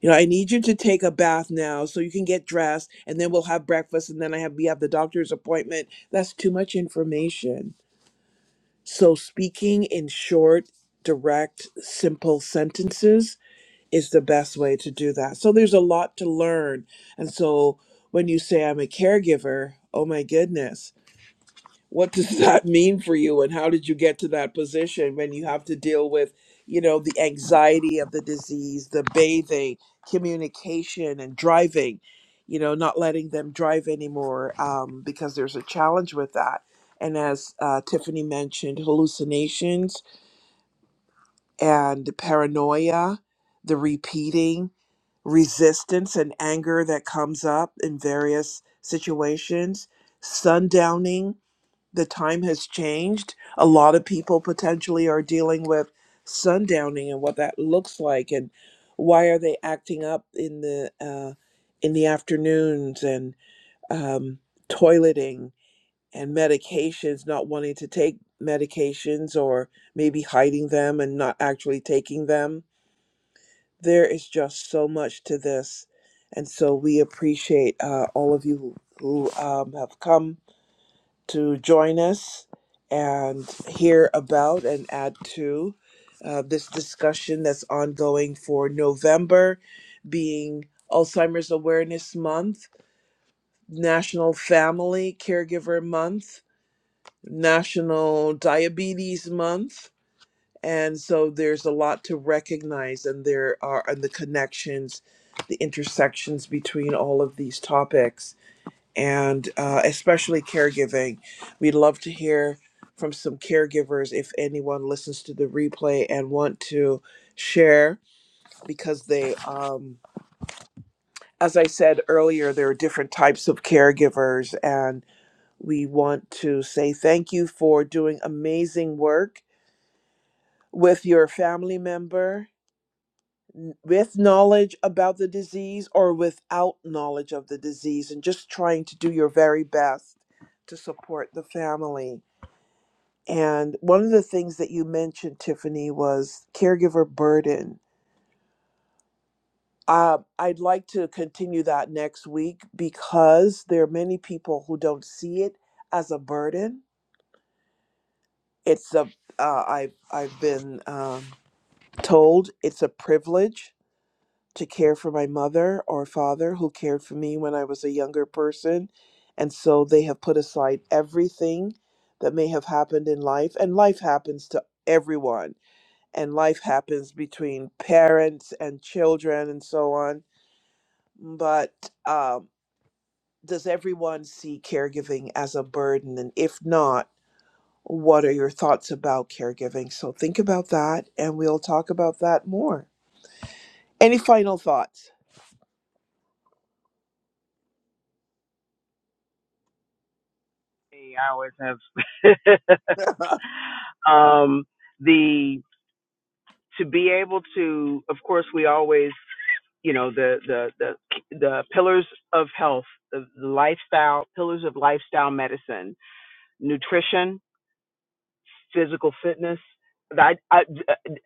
Speaker 1: you know, I need you to take a bath now so you can get dressed and then we'll have breakfast and then I have we have the doctor's appointment. That's too much information. So speaking in short, direct, simple sentences is the best way to do that. So there's a lot to learn. And so when you say I'm a caregiver, oh my goodness what does that mean for you and how did you get to that position when you have to deal with you know the anxiety of the disease the bathing communication and driving you know not letting them drive anymore um, because there's a challenge with that and as uh, tiffany mentioned hallucinations and paranoia the repeating resistance and anger that comes up in various situations sundowning the time has changed. A lot of people potentially are dealing with sundowning and what that looks like, and why are they acting up in the uh, in the afternoons and um, toileting and medications, not wanting to take medications or maybe hiding them and not actually taking them. There is just so much to this, and so we appreciate uh, all of you who, who um, have come to join us and hear about and add to uh, this discussion that's ongoing for November, being Alzheimer's Awareness Month, National Family Caregiver Month, National Diabetes Month. And so there's a lot to recognize, and there are and the connections, the intersections between all of these topics and uh, especially caregiving. We'd love to hear from some caregivers if anyone listens to the replay and want to share because they, um, as I said earlier, there are different types of caregivers, and we want to say thank you for doing amazing work with your family member. n- With knowledge about the disease or without knowledge of the disease, and just trying to do your very best to support the family. And one of the things that you mentioned, Tiffany, was caregiver burden. Uh, I'd like to continue that next week because there are many people who don't see it as a burden. It's a uh, I've I've been um, told it's a privilege to care for my mother or father who cared for me when I was a younger person, and so they have put aside everything that may have happened in life, and life happens to everyone and life happens between parents and children and so on. But um, does everyone see caregiving as a burden? And if not, what are your thoughts about caregiving? So think about that and we'll talk about that more. Any final thoughts?
Speaker 3: Hey, I always have um, the to be able to. Of course, we always, you know, the the the the pillars of health, the, the lifestyle pillars of lifestyle medicine, nutrition, physical fitness. I I,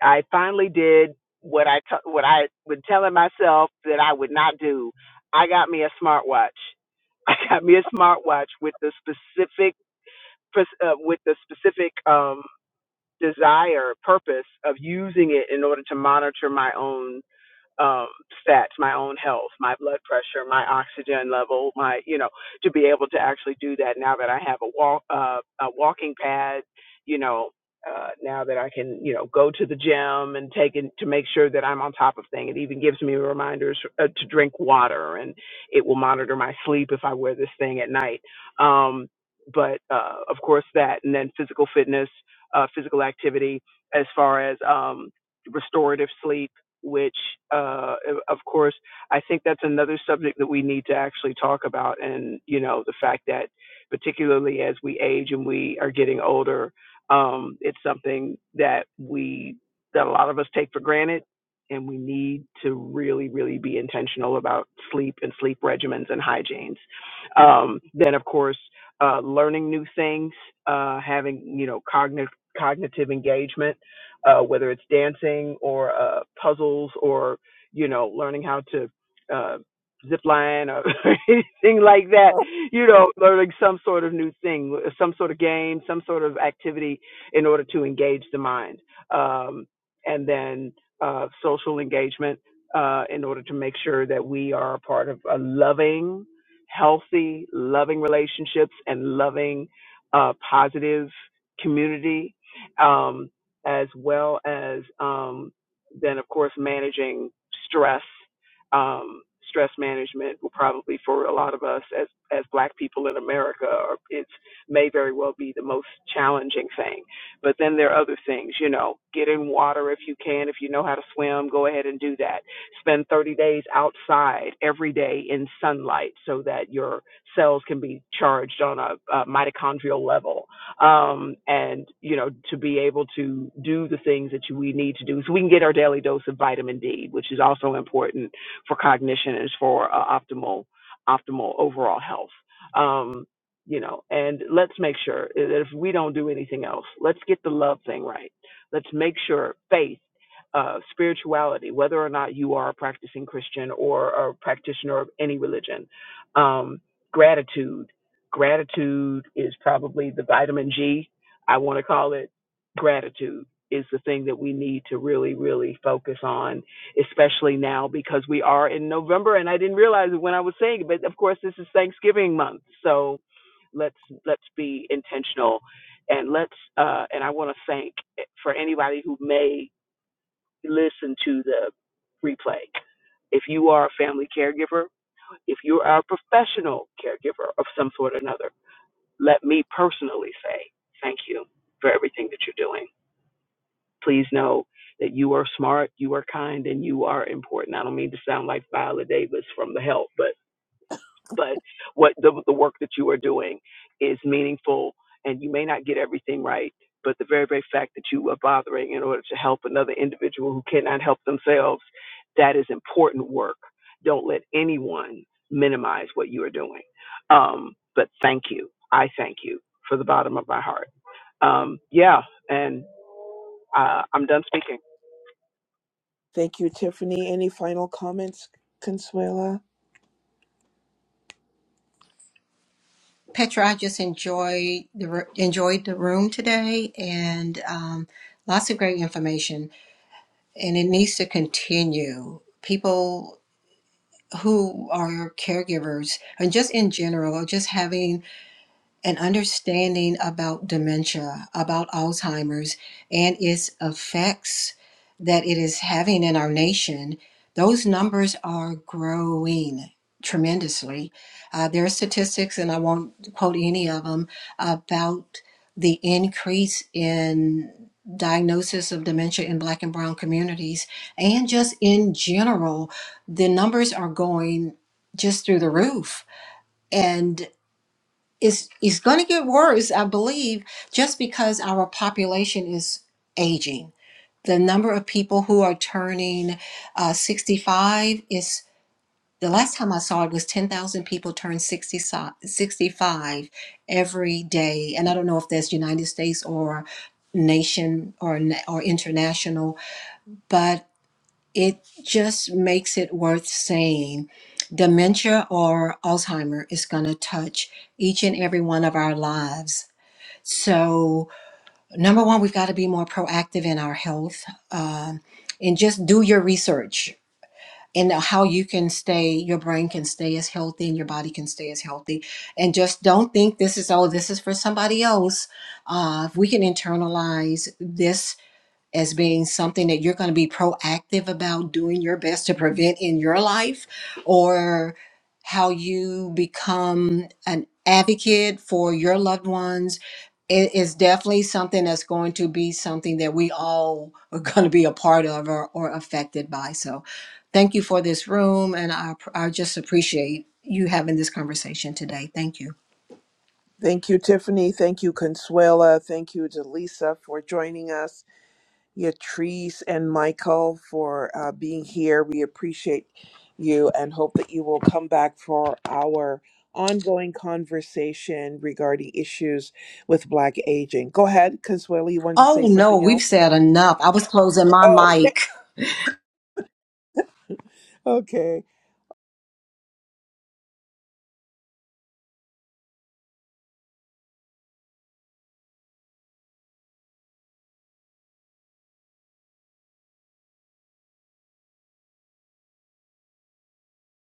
Speaker 3: I finally did what I t- what I would telling myself that I would not do. I got me a smartwatch. I got me a smartwatch with the specific uh, with the specific um, desire, purpose of using it in order to monitor my own um, stats, my own health, my blood pressure, my oxygen level, my you know, to be able to actually do that now that I have a walk uh, a walking pad, you know. Uh, now that I can, you know, go to the gym and take it to make sure that I'm on top of things. It even gives me reminders uh, to drink water, and it will monitor my sleep if I wear this thing at night. Um, but uh, of course that, and then physical fitness, uh, physical activity, as far as um, restorative sleep which, uh, of course, I think that's another subject that we need to actually talk about. And, you know, the fact that, particularly as we age and we are getting older, um, it's something that we, that a lot of us take for granted. And we need to really, really be intentional about sleep and sleep regimens and hygienes. Um, then, of course, uh, learning new things, uh, having, you know, cognitive cognitive engagement uh, whether it's dancing or uh, puzzles or you know learning how to uh, zip line or anything like that. You know, learning some sort of new thing, some sort of game, some sort of activity in order to engage the mind, um, and then uh, social engagement uh, in order to make sure that we are a part of a loving, healthy, loving relationships and loving, uh, positive community. Um, as well as um, then, of course, managing stress. Um, stress management will probably for a lot of us as as Black people in America, or it may very well be the most challenging thing. But then there are other things, you know, get in water if you can. If you know how to swim, go ahead and do that. Spend 30 days outside every day in sunlight so that your cells can be charged on a, a mitochondrial level um, and you know to be able to do the things that you, we need to do so we can get our daily dose of vitamin D, which is also important for cognition and for uh, optimal optimal overall health. Um, you know, and let's make sure that if we don't do anything else, let's get the love thing right. Let's make sure faith, uh, spirituality, whether or not you are a practicing Christian or a practitioner of any religion, um, gratitude Gratitude is probably the vitamin G. I want to call it gratitude is the thing that we need to really, really focus on, especially now because we are in November and I didn't realize it when I was saying it, but of course this is Thanksgiving month. So let's let's be intentional and let's uh and I want to thank for anybody who may listen to the replay. If you are a family caregiver, if you are a professional caregiver of some sort or another, let me personally say thank you for everything that you're doing. Please know that you are smart, you are kind, and you are important. I don't mean to sound like Viola Davis from The Help, but but what the, the work that you are doing is meaningful and you may not get everything right but the very very fact that you are bothering in order to help another individual who cannot help themselves that is important work don't let anyone minimize what you are doing um, but thank you i thank you for the bottom of my heart um, yeah and uh, i'm done speaking
Speaker 1: Thank you, Tiffany. Any final comments, Consuela?
Speaker 2: Petra, I just enjoyed the enjoyed the room today, and um, lots of great information. And it needs to continue. People who are caregivers, and just in general, are just having an understanding about dementia, about Alzheimer's, and its effects that it is having in our nation, those numbers are growing tremendously. Uh, there are statistics, and I won't quote any of them, about the increase in diagnosis of dementia in black and brown communities and just in general the numbers are going just through the roof and it's it's going to get worse i believe just because our population is aging the number of people who are turning uh, 65 is the last time i saw it was 10,000 people turn 60, si- 65 every day and i don't know if that's united states or nation or na- or international but it just makes it worth saying dementia or alzheimer is going to touch each and every one of our lives so, number one, we've got to be more proactive in our health um, and just do your research and how you can stay, your brain can stay as healthy and your body can stay as healthy. And just don't think this is, oh, this is for somebody else. Uh, if we can internalize this as being something that you're going to be proactive about doing your best to prevent in your life or how you become an advocate for your loved ones it is definitely something that's going to be something that we all are going to be a part of or, or affected by. So, thank you for this room, and I, I just appreciate you having this conversation today. Thank you.
Speaker 1: Thank you, Tiffany. Thank you, Consuela. Thank you Delisa, for joining us. Yatrice and Michael for uh, being here. We appreciate you and hope that you will come back for our ongoing conversation regarding issues with Black aging. Go ahead, Consuela. You wanted to say
Speaker 2: Oh no,
Speaker 1: something
Speaker 2: we've
Speaker 1: else?
Speaker 2: said enough. I was closing my
Speaker 1: Oh,
Speaker 2: mic.
Speaker 1: okay.